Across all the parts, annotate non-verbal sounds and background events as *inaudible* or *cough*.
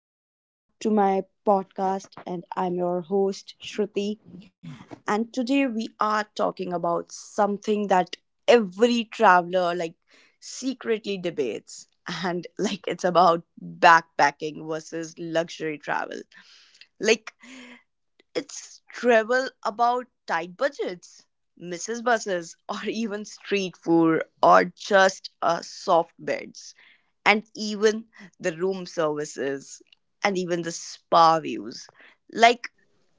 Welcome back to my podcast, and I'm your host, Shruti. And today we are talking about something that every traveler secretly debates, and it's about backpacking versus luxury travel. Like it's travel about tight budgets, misses buses, *laughs* or even street food, or just soft beds, and even the room services, and even the spa views. Like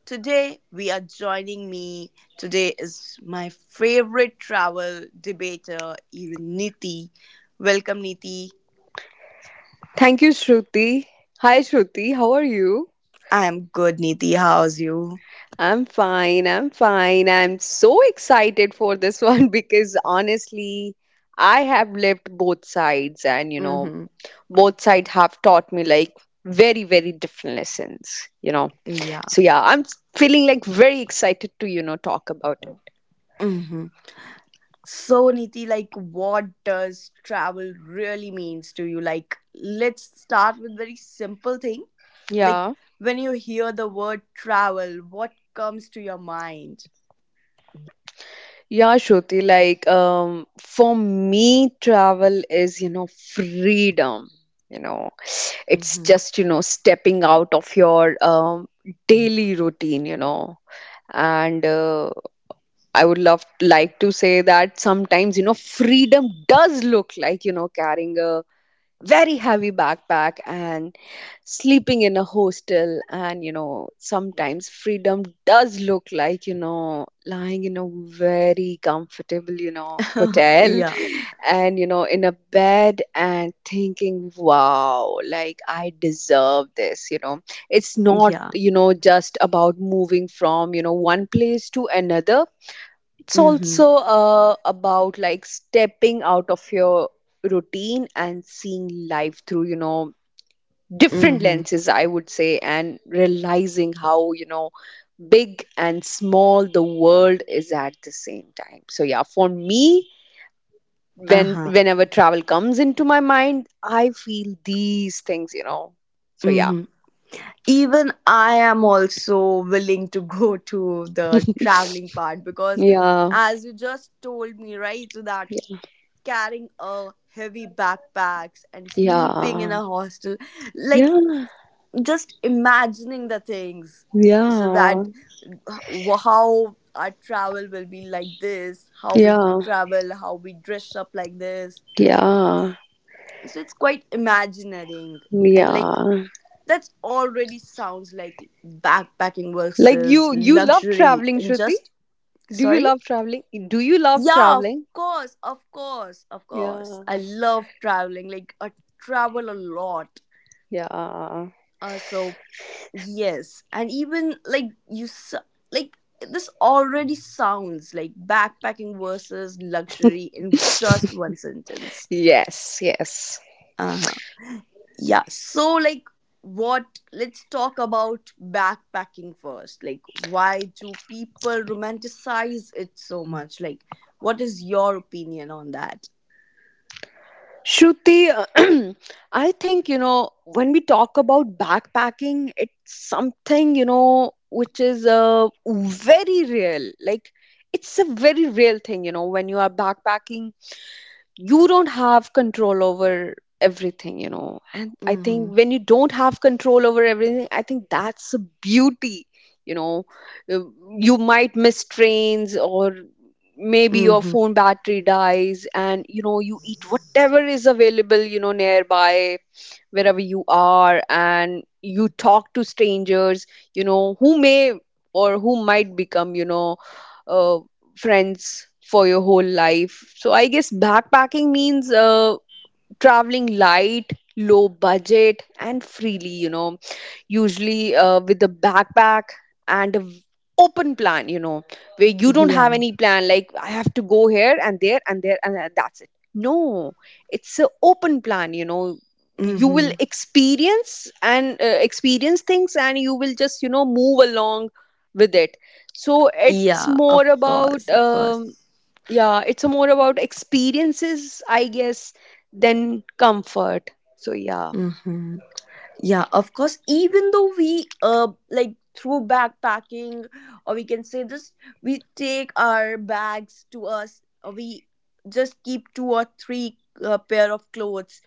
today, we are joining me. Today is my favorite travel debater, even Niti. Welcome, Niti. Thank you, Shruti. Hi, Shruti. How are you? I am good, Niti. How's you? I'm fine. I'm so excited for this *laughs* one because honestly, I have lived both sides, and Mm-hmm. both sides have taught me like very, very different lessons, Yeah. So, yeah, I'm feeling like very excited to, talk about it. Mhm. So Niti, what does travel really means to you? Like let's start with very simple thing. Like Yeah. when you hear the word travel, what comes to your mind? Yeah, Shruti, like for me, travel is, freedom. You know, it's Mm-hmm. just, stepping out of your daily routine, And I would love like to say that sometimes, freedom does look like, carrying a very heavy backpack and sleeping in a hostel, and sometimes freedom does look like lying in a very comfortable hotel *laughs* yeah. and in a bed and thinking, wow, like I deserve this. It's not, Yeah. Just about moving from, one place to another. It's Mm-hmm. also about like stepping out of your routine and seeing life through different Mm-hmm. lenses, I would say, and realizing how big and small the world is at the same time. So yeah, for me, when Uh-huh. whenever travel comes into my mind, I feel these things. So yeah. Mm-hmm. Even I am also willing to go to the traveling part because Yeah, as you just told me, right, so that carrying a heavy backpacks and sleeping yeah, in a hostel, like yeah, just imagining the things, so yeah, that how our travel will be, like this, how we yeah, travel, how we dress up like this. yeah, So it's quite imagineering, and yeah. that's already sounds like backpacking Like versus you love luxury traveling, and Shruti. just Do you sorry. love traveling? Do you love Yeah, traveling? Of course. I Yeah, love traveling. Like I travel a lot. yeah. So yes, and even like you s like this already sounds like backpacking versus luxury in just *laughs* one sentence. Yes, yes. Uh-huh. Yeah. So like what, let's talk about backpacking first. Like why do people romanticize it so much? Like what is your opinion on that? Shruti, *clears throat* I think, when we talk about backpacking, it's something, which is very real. Like, it's a very real thing, when you are backpacking, you don't have control over everything, and I Mm-hmm. think when you don't have control over everything, I think that's a beauty, you know Uh, you might miss trains or maybe your Mm-hmm. phone battery dies, and you eat whatever is available, nearby wherever you are, and you talk to strangers, who may or who might become, uh, friends for your whole life. So I guess backpacking means traveling light, low budget, and freely, usually with a backpack and open plan, where you don't have Yeah. any plan, like I have to go here and there and there and that's it. No, it's an open plan, you will Hmm. experience and experience things, and you will just move along with it. So it's Yeah, of more about course, of course. um, yeah, it's a more about experiences, I guess, than comfort. So yeah. Hmm. Yeah, of course. Even though we like through backpacking, or we can say this, we take our bags to us. Or we just keep two or three pair of clothes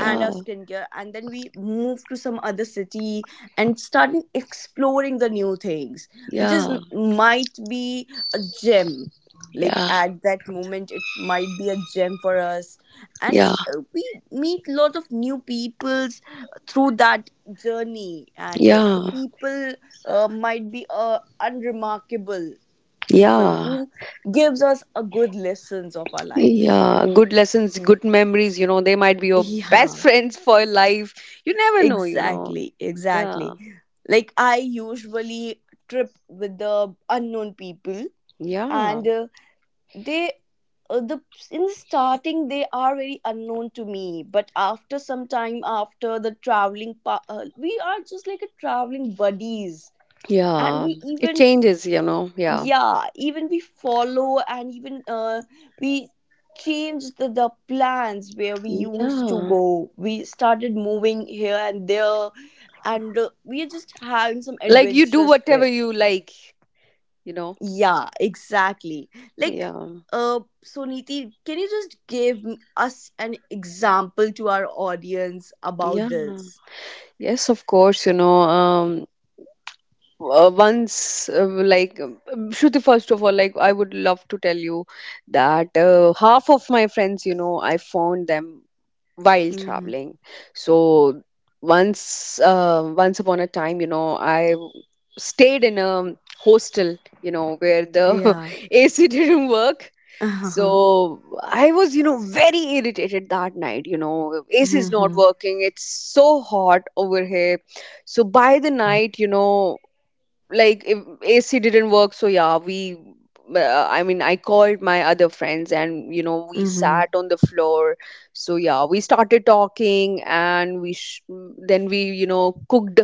and our skincare, and then we move to some other city and starting exploring the new things, which is yeah, might be a gem. Like yeah, at that moment it might be a gem for us, and yeah, we meet lot of new peoples through that journey, and the yeah, people might be unremarkable people yeah, who gives us a good lessons of our life. yeah, good lessons, good memories, they might be *laughs* your best *laughs* yeah. friends for life. You never know, Exactly, yeah. exactly. Like I usually trip with the unknown people, Yeah. and they the in the starting they are very unknown to me, but after some time after the traveling, we are just like a traveling buddies, and Yeah, we it even changes, yeah. yeah even we follow, and even we changed the plans where we used to Yeah. go, we started moving here and there, and we are just having some Like you do adventurous whatever trip. you like, you know Yeah, exactly. like yeah. So Niti, can you just give us an example to our audience about Yeah. this? Yes, of course, once like Shruti, first of all, like I would love to tell you that half of my friends, I found them while Mm-hmm. traveling. So once upon a time, I stayed in a hostel, where the Yeah. *laughs* AC didn't work. *laughs* Uh-huh. So I was, very irritated that night. You know, AC is not Mm-hmm. working. It's so hot over here. So by the night, like if AC didn't work, so yeah, we. I mean, I called my other friends, and we Mm-hmm. sat on the floor. So yeah, we started talking, and then we cooked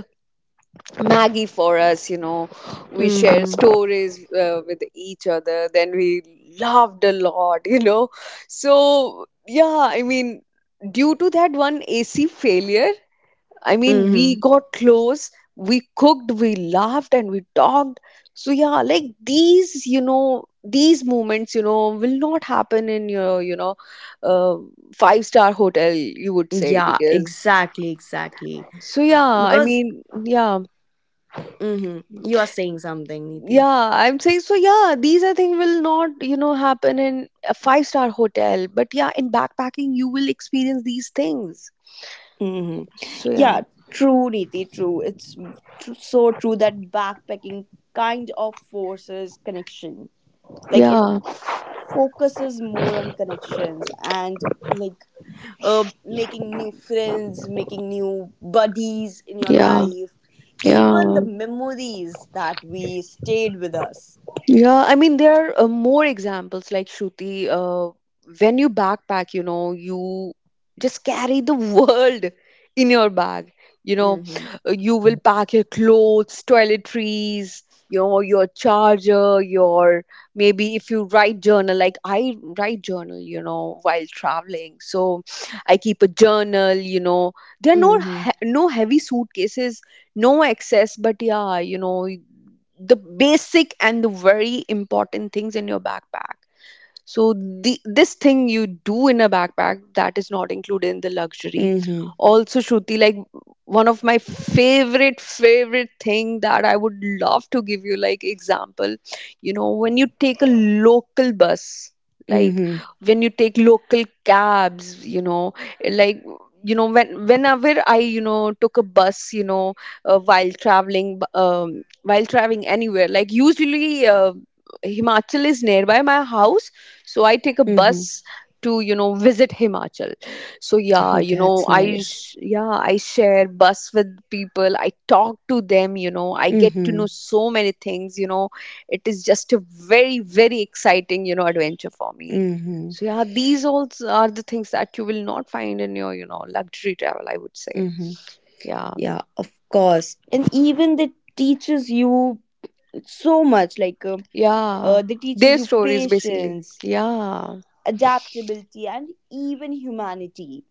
Maggie for us. We shared Mm-hmm. stories with each other. Then we laughed a lot. *laughs* So yeah, I mean, due to that one AC failure, I mean, Mm-hmm. we got close, we cooked, we laughed, and we talked. So, yeah, like these, these moments, will not happen in your, uh, five-star hotel, you would say, Yeah, because, exactly, exactly. so yeah, I Because mean, yeah, mhm, you are saying something, Niti. yeah, I'm saying, so yeah, these, I think, will not, happen in a five-star hotel. But yeah, in backpacking, you will experience these things. Hmm. So, yeah, Yeah, true, Niti, true. It's so true that backpacking kind of forces connection. Like it yeah, focuses more on connections and like making new friends, making new buddies in your yeah, life, yeah. even the memories that we stayed with us. Yeah, I mean, there are more examples like Shruti. When you backpack, you just carry the *laughs* world in your bag. You know, Mm-hmm. You will pack your clothes, toiletries, your charger, your maybe if you write journal, like I write journal, while traveling. So I keep a journal, There are Mm-hmm. No heavy suitcases, no excess, but yeah, the basic and the very important things in your backpack. So the, this thing you do in a backpack, that is not included in the luxury. Mm-hmm. Also, Shruti, like one of my favorite thing that I would love to give you like example. When you take a local bus, like when you take local cabs, like when whenever I took a bus, while traveling anywhere, like usually. Himachal is nearby my house, so I take a Mm-hmm. bus to visit Himachal. So yeah, Oh, that's nice. Yeah, I share bus with people, I talk to them, I get to Mm-hmm. know so many things, it is just a very, very exciting, adventure for me. Mm-hmm. So yeah, these all are the things that you will not find in your, luxury travel, I would say. Mm-hmm. Yeah. Yeah, of course. And even that teaches you so much, Yeah, that teaches their you stories basically. patience, Yeah. adaptability, and even humanity.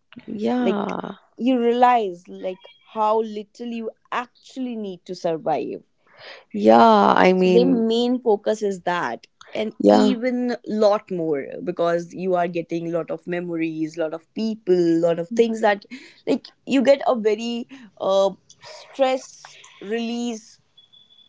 Like Yeah. you realize, like how little you actually need to survive. Yeah, I So the mean, main focus is that, and yeah. even lot more, because you are getting lot of memories, lot of people, lot of things that like you get a very uh, stress release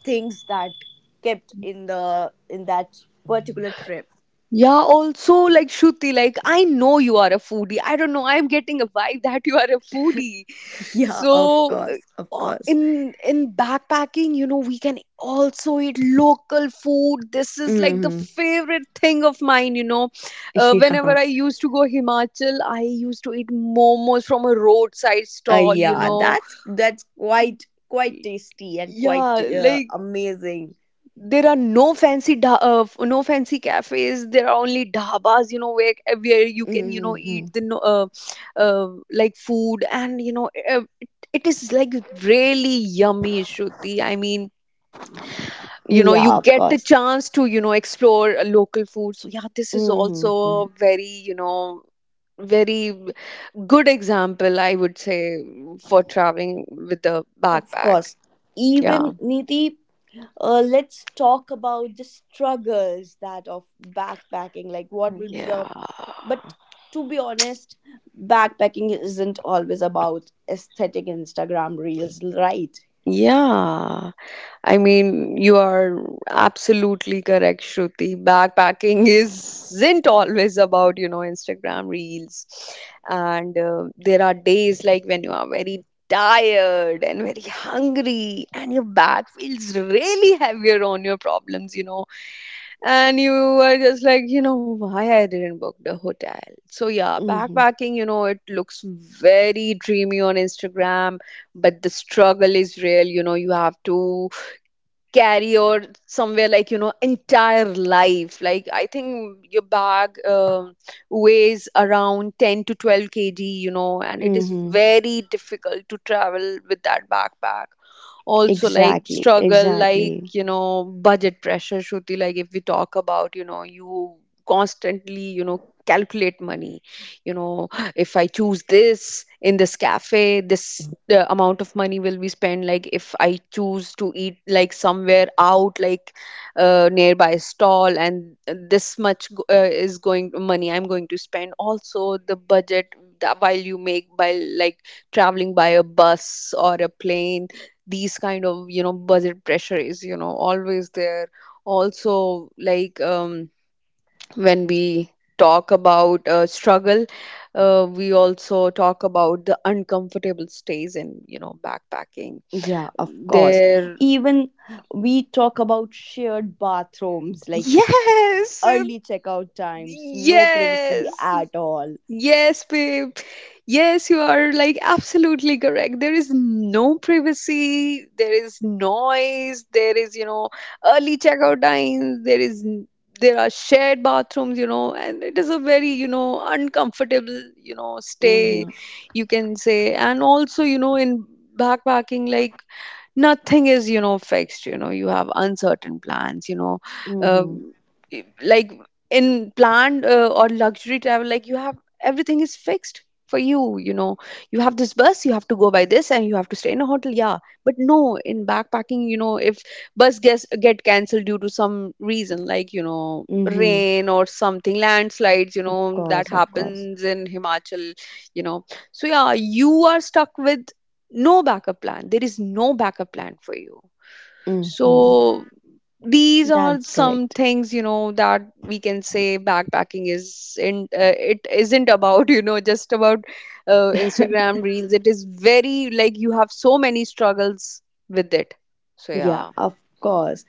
things that kept in the in that particular trip. Yeah, also like Shruti, like I know you are a foodie. I don't know, I'm getting a vibe that you are a foodie. *laughs* yeah, of So course of course in backpacking, we can also eat local food. This is like the Hmm. favorite thing of mine, *laughs* yeah. whenever I used to go Himachal, I used to eat momos from a roadside uh, stall, yeah that's quite quite tasty and quite Yeah, like amazing. there are no no fancy cafes, there are only dhabas, where you can eat Hmm. the like food, and it is like really yummy, Shruti, I mean, you Yeah, of get the course. chance to explore local food. So yeah, this is Mhm, also mhm. a very, very good example, I would say, for traveling with the Of backpack. course. Yeah. Even Niti, let's talk about the struggles that of backpacking. Like, what will be the. Yeah. But to be honest, backpacking isn't always about aesthetic Instagram reels, right? Yeah, I mean, you are absolutely correct, Shruti. Backpacking *laughs* isn't always about, Instagram reels. And there are days like when you are very tired and very hungry and your bag feels really heavier on your problems, And you are just like, why I didn't book the hotel. So, yeah, Mm-hmm. backpacking, it looks very dreamy on Instagram, but the struggle is real. You know, you have to carry or somewhere like entire life, like I think your bag weighs around 10 to 12 kg, and it is Mm-hmm. very difficult to travel with that backpack. Also like Exactly. struggle, like Exactly. Budget pressure, Shruti, like if we talk about, you constantly, calculate money, you know if I choose this in this cafe, this the amount of money will be spent, like if I choose to eat like somewhere out, like nearby stall, and this much is going money I'm going to spend. Also the budget that while you make by like traveling by a bus or a plane, these kind of, budget pressure is, always there. Also like when we talk about struggle, we also talk about the uncomfortable stays in, backpacking Yeah, of course. there. Even we talk about shared bathrooms, *laughs* like Yes. early checkout times, no privacy Yes. at all. Yes, babe. Yes, you are like absolutely correct. There is no privacy, there is noise, there is, early checkout times, there is there are shared bathrooms, and it is a very, uncomfortable, stay, Mm-hmm. you can say. And also, in backpacking, like nothing is, fixed, you have uncertain plans, Mm-hmm. um, like in planned or luxury travel, like you have everything is fixed for you, you know you have this bus, you have to go by this, and you have to stay in a hotel. Yeah. But no, in backpacking, if bus gets get cancelled due to some reason, like Mm-hmm. rain or something, landslides, Of that course, of course. happens in Himachal, you know so yeah, you are stuck with no backup plan. There is no backup plan for you. Mm-hmm. So these are That's some correct. things, that we can say backpacking is in it isn't about *laughs* just about Instagram reels. It is very like you have so many struggles with it. So Yeah, yeah, of course.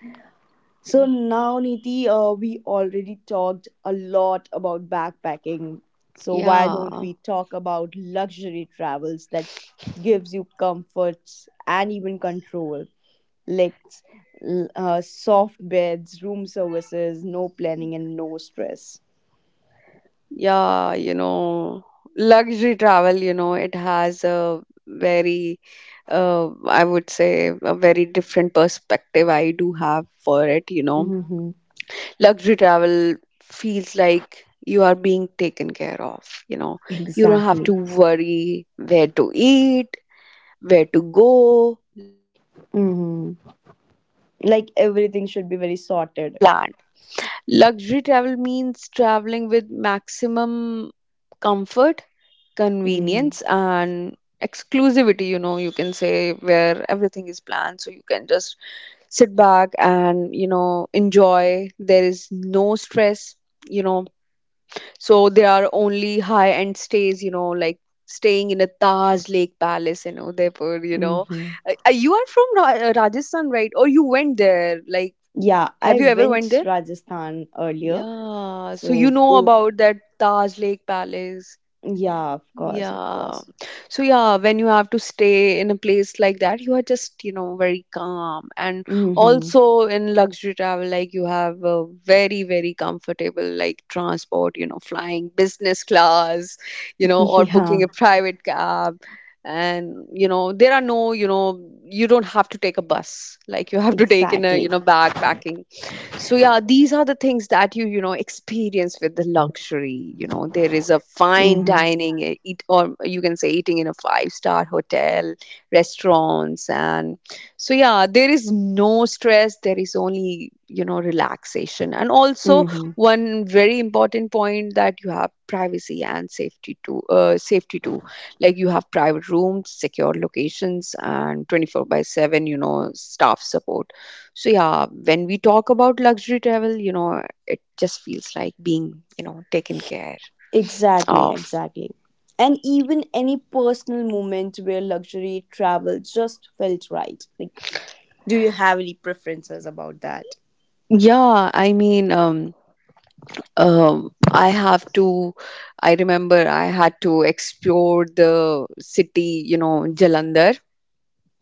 So now, Niti, we already talked a lot about backpacking. So why don't yeah, we talk about luxury travels that gives you comforts and even control, like soft beds, room services, no planning, and no stress. yeah. Luxury travel. It has a very I would say a very different perspective I do have for it. You know, Mm-hmm. luxury travel feels like you are being taken care of. You don't have Exactly. to worry where to eat, where to go. Mm-hmm. Like everything should be very sorted. Brand. Luxury travel means traveling with maximum comfort, Mm-hmm. convenience, and exclusivity. You can say where everything is planned, so you can just sit back and enjoy. There is no stress. You know, so there are only high end stays. Like staying in a Taj Lake Palace in Udaipur. You know, Mm-hmm. Uh, uh, you are from Rajasthan, right? Or you went there? Like, Yeah, have I you ever went went there? Rajasthan earlier. Yeah, so you So know they, about that Taj Lake Palace. Yeah. yeah, of course, of Yeah. course. So yeah, when you have to stay in a place like that, you are just, very calm. And Mm-hmm. also in luxury travel, like you have a very, very comfortable like transport, flying business class, *laughs* or booking Yeah, a private cab. And there are no, you don't have to take a bus. Like you have to take in a, exactly. you know, backpacking. So yeah, these are the things that you know experience with the luxury. There is a fine Mm-hmm. dining, eat, or you can say eating in a five-star hotel restaurants. And so yeah, there is no stress, there is only relaxation. And also Mm-hmm. one very important point that you have privacy and safety too, like you have private rooms, secure locations, and 24 by 7 staff support. So yeah, when we talk about luxury travel, it just feels like being, taken care Exactly, of. exactly. And even any personal moment where luxury travel just felt right. Like, do you have any preferences about that? Yeah, I mean, I have to. I remember I had to explore the city, Jalandhar.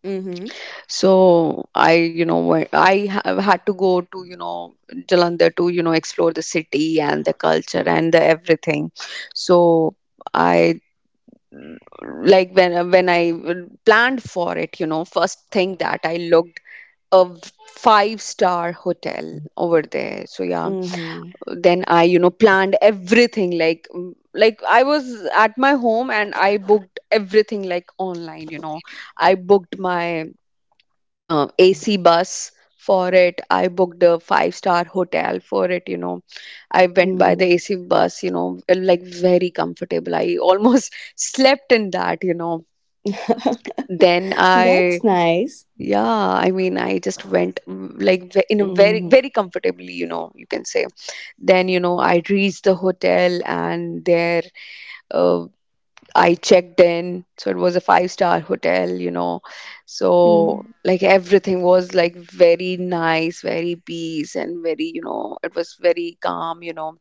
Mm-hmm. So I, you know, wa- I have had to go to, Jalandhar to, explore the city and the culture and the everything. So. I like when I planned for it, first thing that I looked a five-star hotel over there. So yeah, Mm-hmm. then I planned everything like, like I was at my home and I booked everything like online. I booked my AC bus for it. I booked a five-star hotel for it. I went by the AC bus, like very comfortable. I almost *laughs* slept in that. Mm-hmm. Then *laughs* I. That's nice. Yeah. I mean, I just went, like in a very Mm-hmm. very comfortably, you can say. Then I reached the hotel, and there uh, I checked in. So it was a five-star hotel, so Mm-hmm. like everything was like very nice, very peace, and very, it was very calm.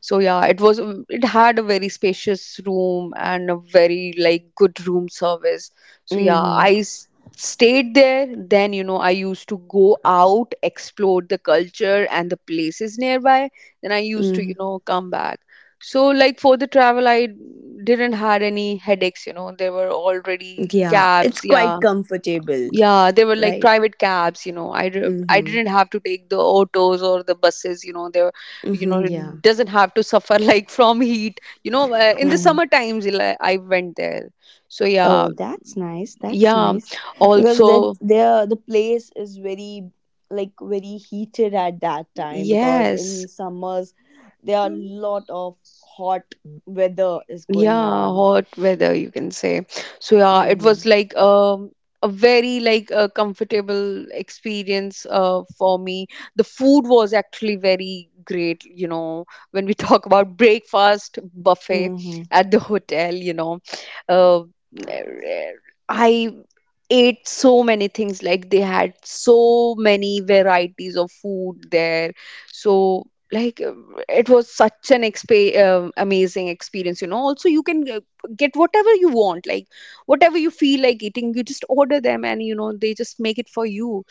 So yeah, it had a very spacious room and a very like good room service. So yeah, Mm-hmm. I stayed there. Then I used to go out, explore the culture and the places nearby, then I used to Mm-hmm. Come back. So like for the travel, I didn't had any headaches, there were already Yeah, it's cabs. Yeah, quite comfortable, yeah, they were like right? private cabs, I Mm-hmm. didn't have to take the autos or the buses, they were, Mm-hmm, yeah. it doesn't have to *laughs* suffer like from heat, in the Hmm. summer times like, I went there. So yeah. Oh, that's nice. That's Yeah. nice because that Also. there the place is very like very heated at that time because Yes. in summers there are a lot of hot weather is going Yeah, on. hot weather you can say. So yeah, it Mm-hmm. was like, a very like a comfortable experience for me. The food was actually very great, when we *laughs* talk about breakfast buffet Mm-hmm. at the hotel. Uh, I ate so many things, like they had so many varieties of food there. So like, it was such an amazing experience. Also you can get whatever you want, like whatever you feel like eating, you just order them and they just make it for you.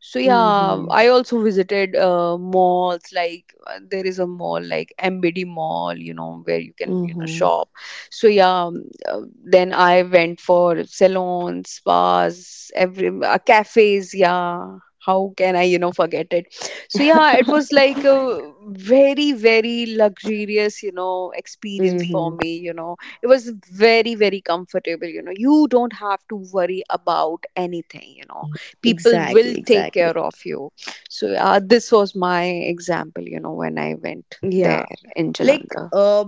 So yeah, Mm-hmm. I also visited malls. Like there is a mall like MBD mall, where you can Mm-hmm. shop. So yeah, then I went for salons, spas, every cafes. Yeah, how can I forget it. So yeah, it was like a very very luxurious, experience for Mm-hmm. me. It was very very comfortable, you don't have to worry about anything, people will Exactly. take Exactly. care of you. So yeah, this was my example, when I went Yeah. there in Like Jalandhar. uh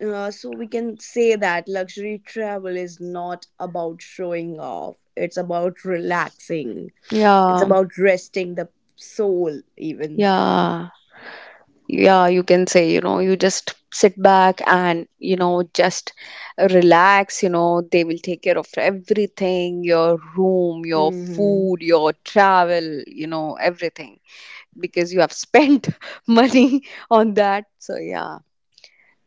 so we can say that luxury travel is not about showing off. It's about relaxing. It's Yeah. about resting the soul, even. Yeah. Yeah, you can say, you just sit back and just relax, they will take care of everything, your room, your Mm-hmm. food, your travel, everything, because you have spent *laughs* money on that. So yeah,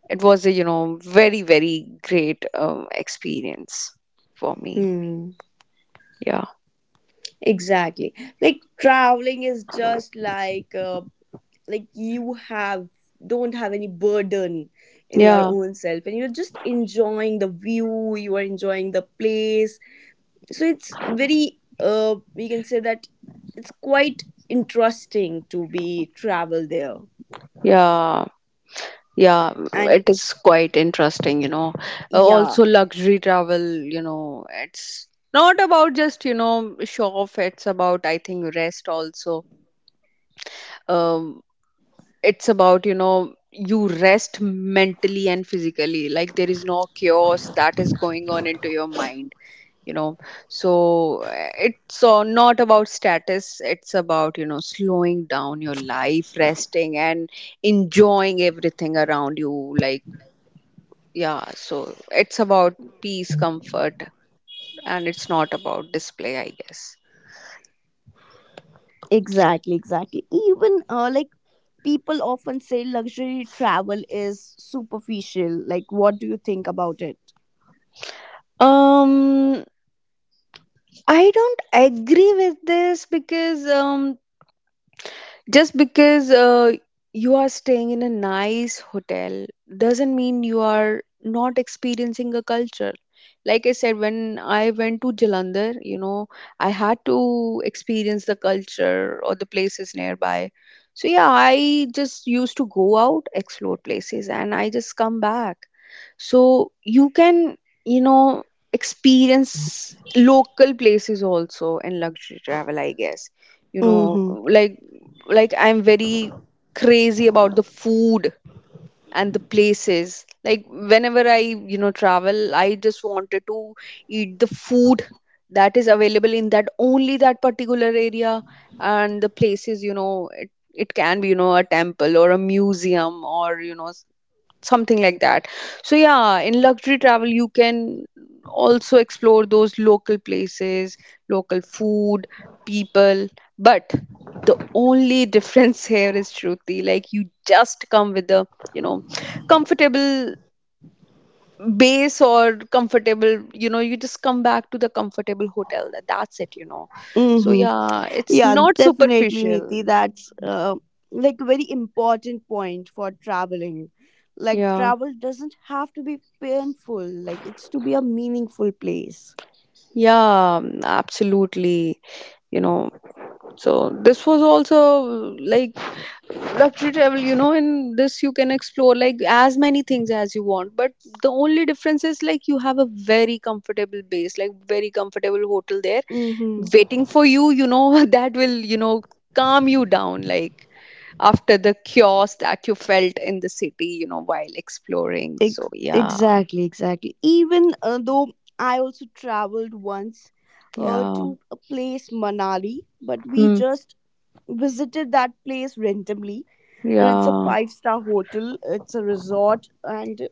it was a, very very great experience for me. Hmm. Yeah. Exactly. Like traveling is just like you have don't have any burden in your Yeah. own self, and you're just enjoying the view. You are enjoying the place. So it's very we can say that it's quite interesting to be travel there, Yeah. Yeah, and it is quite interesting. Uh, yeah, Also, luxury travel, it's not about just, show off. It's about, I think, rest also. Um, it's about, you rest mentally and physically. Like, there is no chaos that is going on into your mind, you know. So, it's not about status, it's about, slowing down your life, resting, and enjoying everything around you like, yeah, so it's about peace, comfort, and it's not about display, I guess. exactly, exactly. Even like people often say luxury travel is superficial, like what do you think about it? Um, I don't agree with this, because just because you are staying in a nice hotel doesn't mean you are not experiencing a culture. Like I said, when I went to Jalandhar, I had to experience the culture or the places nearby. So yeah, I just used to go out, explore places, and I just come back. So you can you know experience local places also in luxury travel, I guess. Mm-hmm. Like, I'm very crazy about the food and the places, like whenever I travel, I just wanted to eat the food that is available in that only that particular area. And the places, it can be a temple or a museum or something like that. So yeah, in luxury travel you can also explore those local places, local food, people, but the only difference *laughs* here is Shruti. Like you just come with a, you know comfortable base, or comfortable, you just come back to the comfortable hotel, that's it, so Mm-hmm. yeah, it's Yeah, not definitely, superficial. Niti. That's like a very important point for traveling. Like Yeah. travel doesn't have to be painful. Like it's to be a meaningful place. Yeah, absolutely, you know So this was also like luxury travel, in this you can explore like as many things as you want. But the only difference is like you have a very comfortable base, like very comfortable hotel there Mm-hmm. waiting for you, *laughs* that will, calm you down like after the chaos that you felt in the city, while exploring. So yeah. Exactly, exactly. Even though I also traveled once Yeah. to a place, Manali, but we Hmm. just visited that place randomly. And it's a Yeah. five-star hotel, it's a resort, and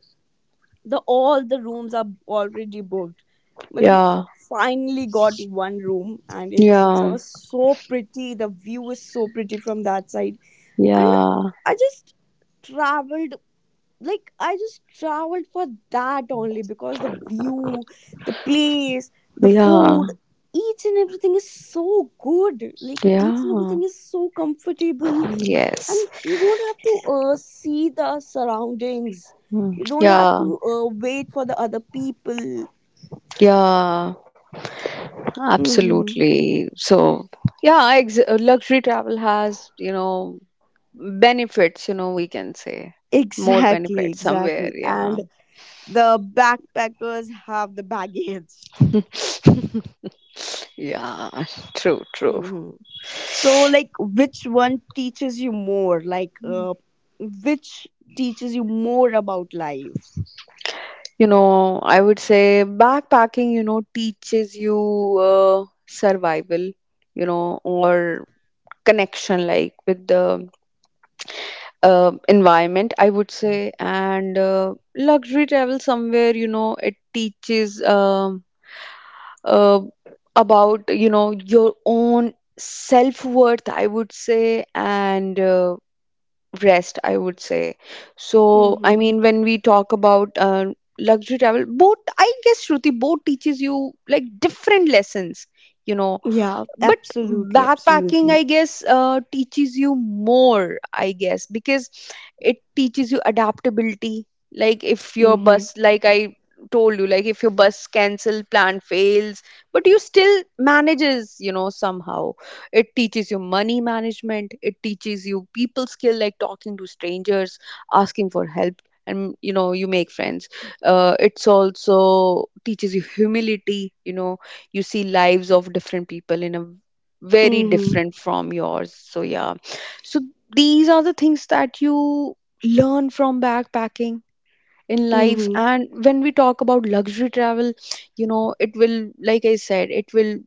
the all the rooms are already booked, but we Yeah. Finally got one room, and it's Yeah. just so pretty, the view is so pretty from that side. And Yeah. I just traveled, for that only because the view, the place, the food, Yeah. each and everything is so good, like each and Yeah. everything is so comfortable, and Yes. you don't have to see the surroundings, Mm. you don't have Yeah. to wait for the other people. Yeah. Hmm. Absolutely. So, yeah, luxury travel has, benefits, we can say more Exactly, benefits somewhere. exactly. Yeah. And the backpackers have the baggage. Yeah. *laughs* True, true. Hmm. So like which one teaches you more, like which teaches you more about life? I would say backpacking, teaches you survival, or connection like with the environment, I would say, and luxury travel somewhere, it teaches, uh, about your own self worth, I would say, and rest, I would say. So I Mm-hmm. mean, when we talk about luxury travel, both, I guess, Shruti, both teaches you like different lessons, you know Yeah, but absolutely, backpacking, absolutely. I guess, teaches you more, I guess, because it teaches you adaptability. Like if your Mm-hmm. bus, like I told you, like if your bus cancel, plan fails, but you still manages, somehow. It teaches you money management, it teaches you people skill, like talking to strangers, asking for help, and you make friends. It's also teaches you humility, you see lives of different people in a very Mm-hmm. different from yours. So yeah, so these are the things that you learn from backpacking in life. Mm-hmm. And when we talk about luxury travel, it will, like I said, it will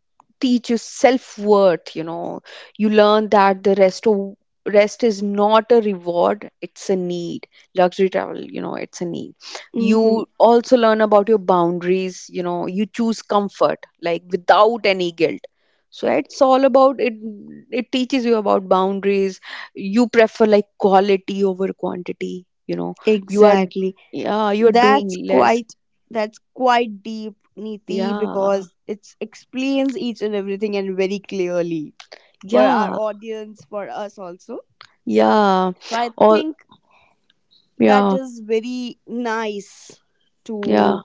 teach you self worth, you learn that the rest of rest is not a reward, it's a need. Luxury travel, it's a need. Mm-hmm. You also learn about your boundaries, you choose comfort like without any guilt. So it's all about it. It teaches you about boundaries, you prefer like quality over quantity, you are, Exactly. yeah, you are doing That's less. quite, that's quite deep, Niti, Yeah, because it explains each and everything and very clearly, for our yeah, audience, for us also. yeah. So I All, think that yeah, is very nice yeah. to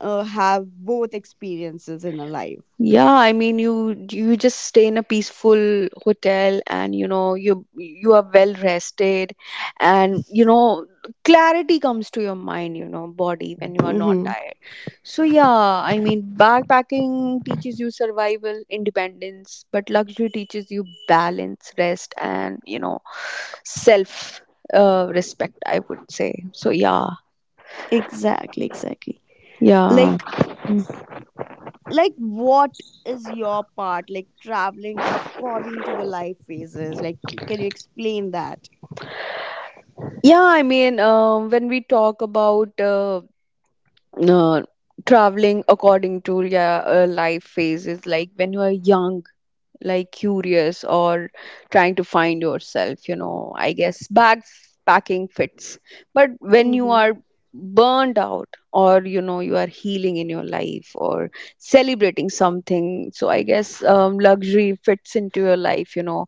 have both experiences in a life. Yeah, I mean you just stay in a peaceful hotel and you know you are well rested and you know clarity comes to your mind, you know, body when you are not Mm-hmm. tired. So yeah, I mean backpacking teaches you survival, independence, but luxury teaches you balance, rest and you know self respect, I would say. So yeah, Exactly, exactly. yeah. Like, like what is your part? Like traveling according to the life phases. Like, can you explain that? Yeah, I mean, when we talk about uh, traveling according to yeah, life phases, like when you are young, like curious or trying to find yourself, you know, I guess bags packing fits. But when you Mm-hmm. are burned out or you know you are healing in your life or celebrating something, so I guess luxury fits into your life, you know.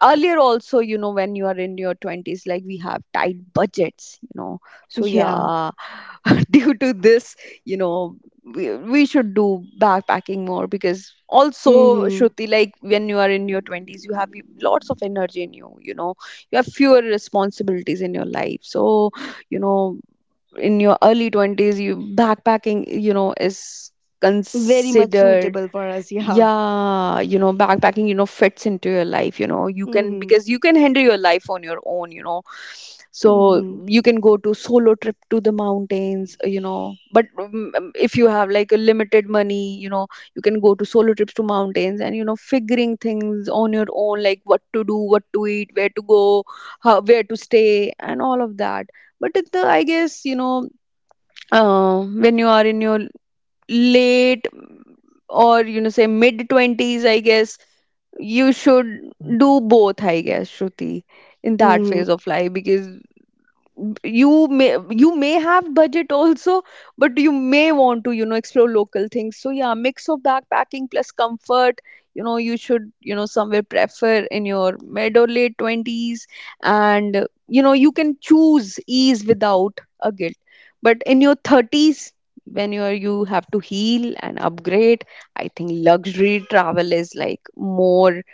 Earlier also, you know, when you are in your 20s, like we have tight budgets, you know. So Yeah. yeah, *laughs* due to this, you know, we should do backpacking more because also Mm-hmm. Shruti, like when you are in your 20s you have lots of energy in you, you know, you have fewer responsibilities in your life, so you know, in your early 20s, you backpacking you know is Very much considered. suitable for us. *laughs* Yeah. Yeah, you know backpacking you know fits into your life, you know, you can, Mm-hmm. because you can handle your life on your own, you know. So Mm-hmm. you can go to solo trip to the mountains, you know, but if you have like a limited money, you know, you can go to solo trips to mountains and you know figuring things on your own, like what to do, what to eat, where to go, how, where to stay and all of that. But I guess you know, when you are in your late or you know say mid 20s, I guess you should do both, I guess, Shruti, in that Mm-hmm. phase of life, because you may have budget also, but you may want to you know explore local things. So yeah, mix of backpacking plus comfort, you know, you should you know somewhere prefer in your mid or late 20s. And you know you can choose ease without a guilt. But in your 30s, when you are, you have to heal and upgrade, I think luxury travel is like more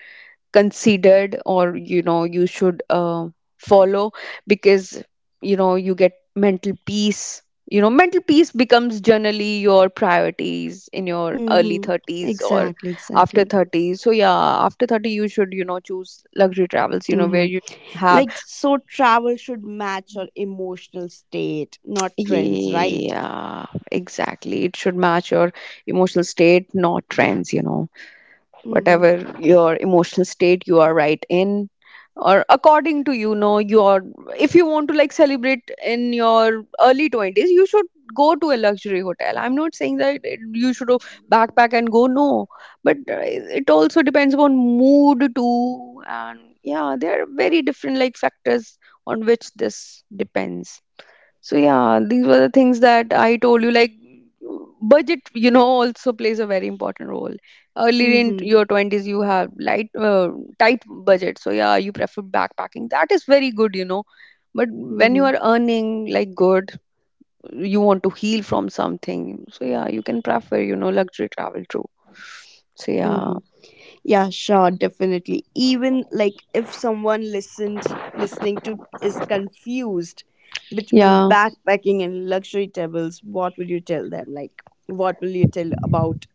considered, or you know you should follow, because you know you get mental peace. You know mental peace becomes generally your priorities in your early Mm-hmm. 30s or Exactly. after Exactly. 30. So yeah, after 30 you should you know choose luxury travels, you know, where Mm-hmm. you have. Like, so travel should match your emotional state, not trends, right? Yeah, exactly, it should match your emotional state, not trends, you know, Mm-hmm. whatever your emotional state you are right in, or according to you know your, if you want to like celebrate in your early 20s, you should go to a luxury hotel. I'm not saying that you should backpack and go, no. But it also depends upon mood too, and yeah, there are very different like factors on which this depends. So yeah, these were the things that I told you. Like budget, you know, also plays a very important role. Earlier in Mm-hmm. your twenties, you have light, tight budget. So yeah, you prefer backpacking. That is very good, you know. But when you Mm-hmm. are earning like good, you want to heal from something. So yeah, you can prefer, you know, luxury travel too. So yeah, Mm-hmm. Yeah, sure, definitely. Even like if someone listened listening to is confused between yeah. backpacking and luxury travels, what would you tell them? Like, what will you tell about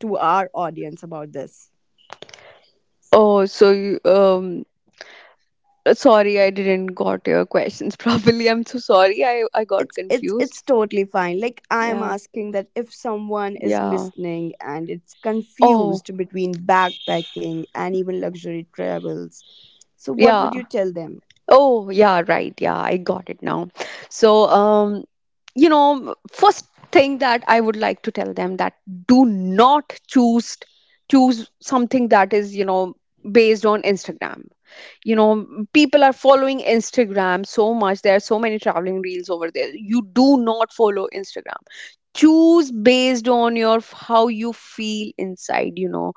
to our audience about this? Oh, so you, sorry, I didn't got your questions *laughs* properly. I'm so sorry. I got It's confused. Totally fine, like I am Yeah, asking that if someone is yeah. listening and it's Oh, confused between backpacking and even luxury travels, so what yeah. would you tell them? Oh, yeah, right. Yeah, I got it now. So, you know, first thing that I would like to tell them that do not choose choose something that is, you know, based on Instagram. You know, people are following Instagram so much. There are so many traveling reels over there. You do not follow Instagram. Choose based on your how you feel inside, you know,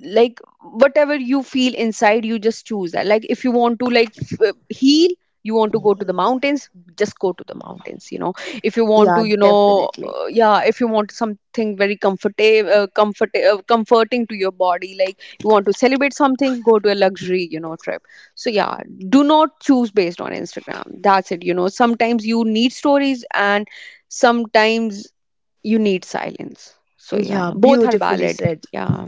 like whatever you feel inside you just choose that, like if you want to like heal, you want to go to the mountains, just go to the mountains, you know. If you want to, Yeah, you know, definitely. Yeah, if you want something very comfortable, comforting to your body, like you want to celebrate something, go to a luxury, you know, trip. So yeah, do not choose based on Instagram, that's it, you know. Sometimes you need stories and sometimes you need silence, so yeah, Yeah, both are beautifully valid. said, Yeah,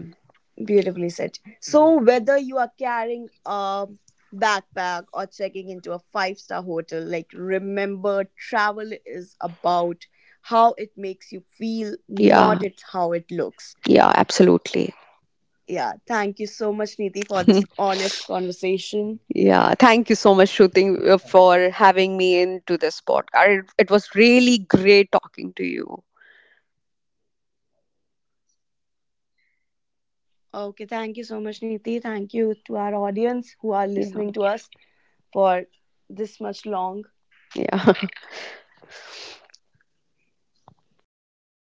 beautifully said. So whether you are carrying a backpack or checking into a five-star hotel, like remember travel is about how it makes you feel, yeah. not at how it looks. Yeah, absolutely. Yeah, thank you so much, Neeti, for this *laughs* honest conversation. Yeah, thank you so much, Shooting, for having me into this podcast. It was really great talking to you. Okay, thank you so much, Neeti. Thank you to our audience who are Yeah, listening to us for this much long. yeah. *laughs*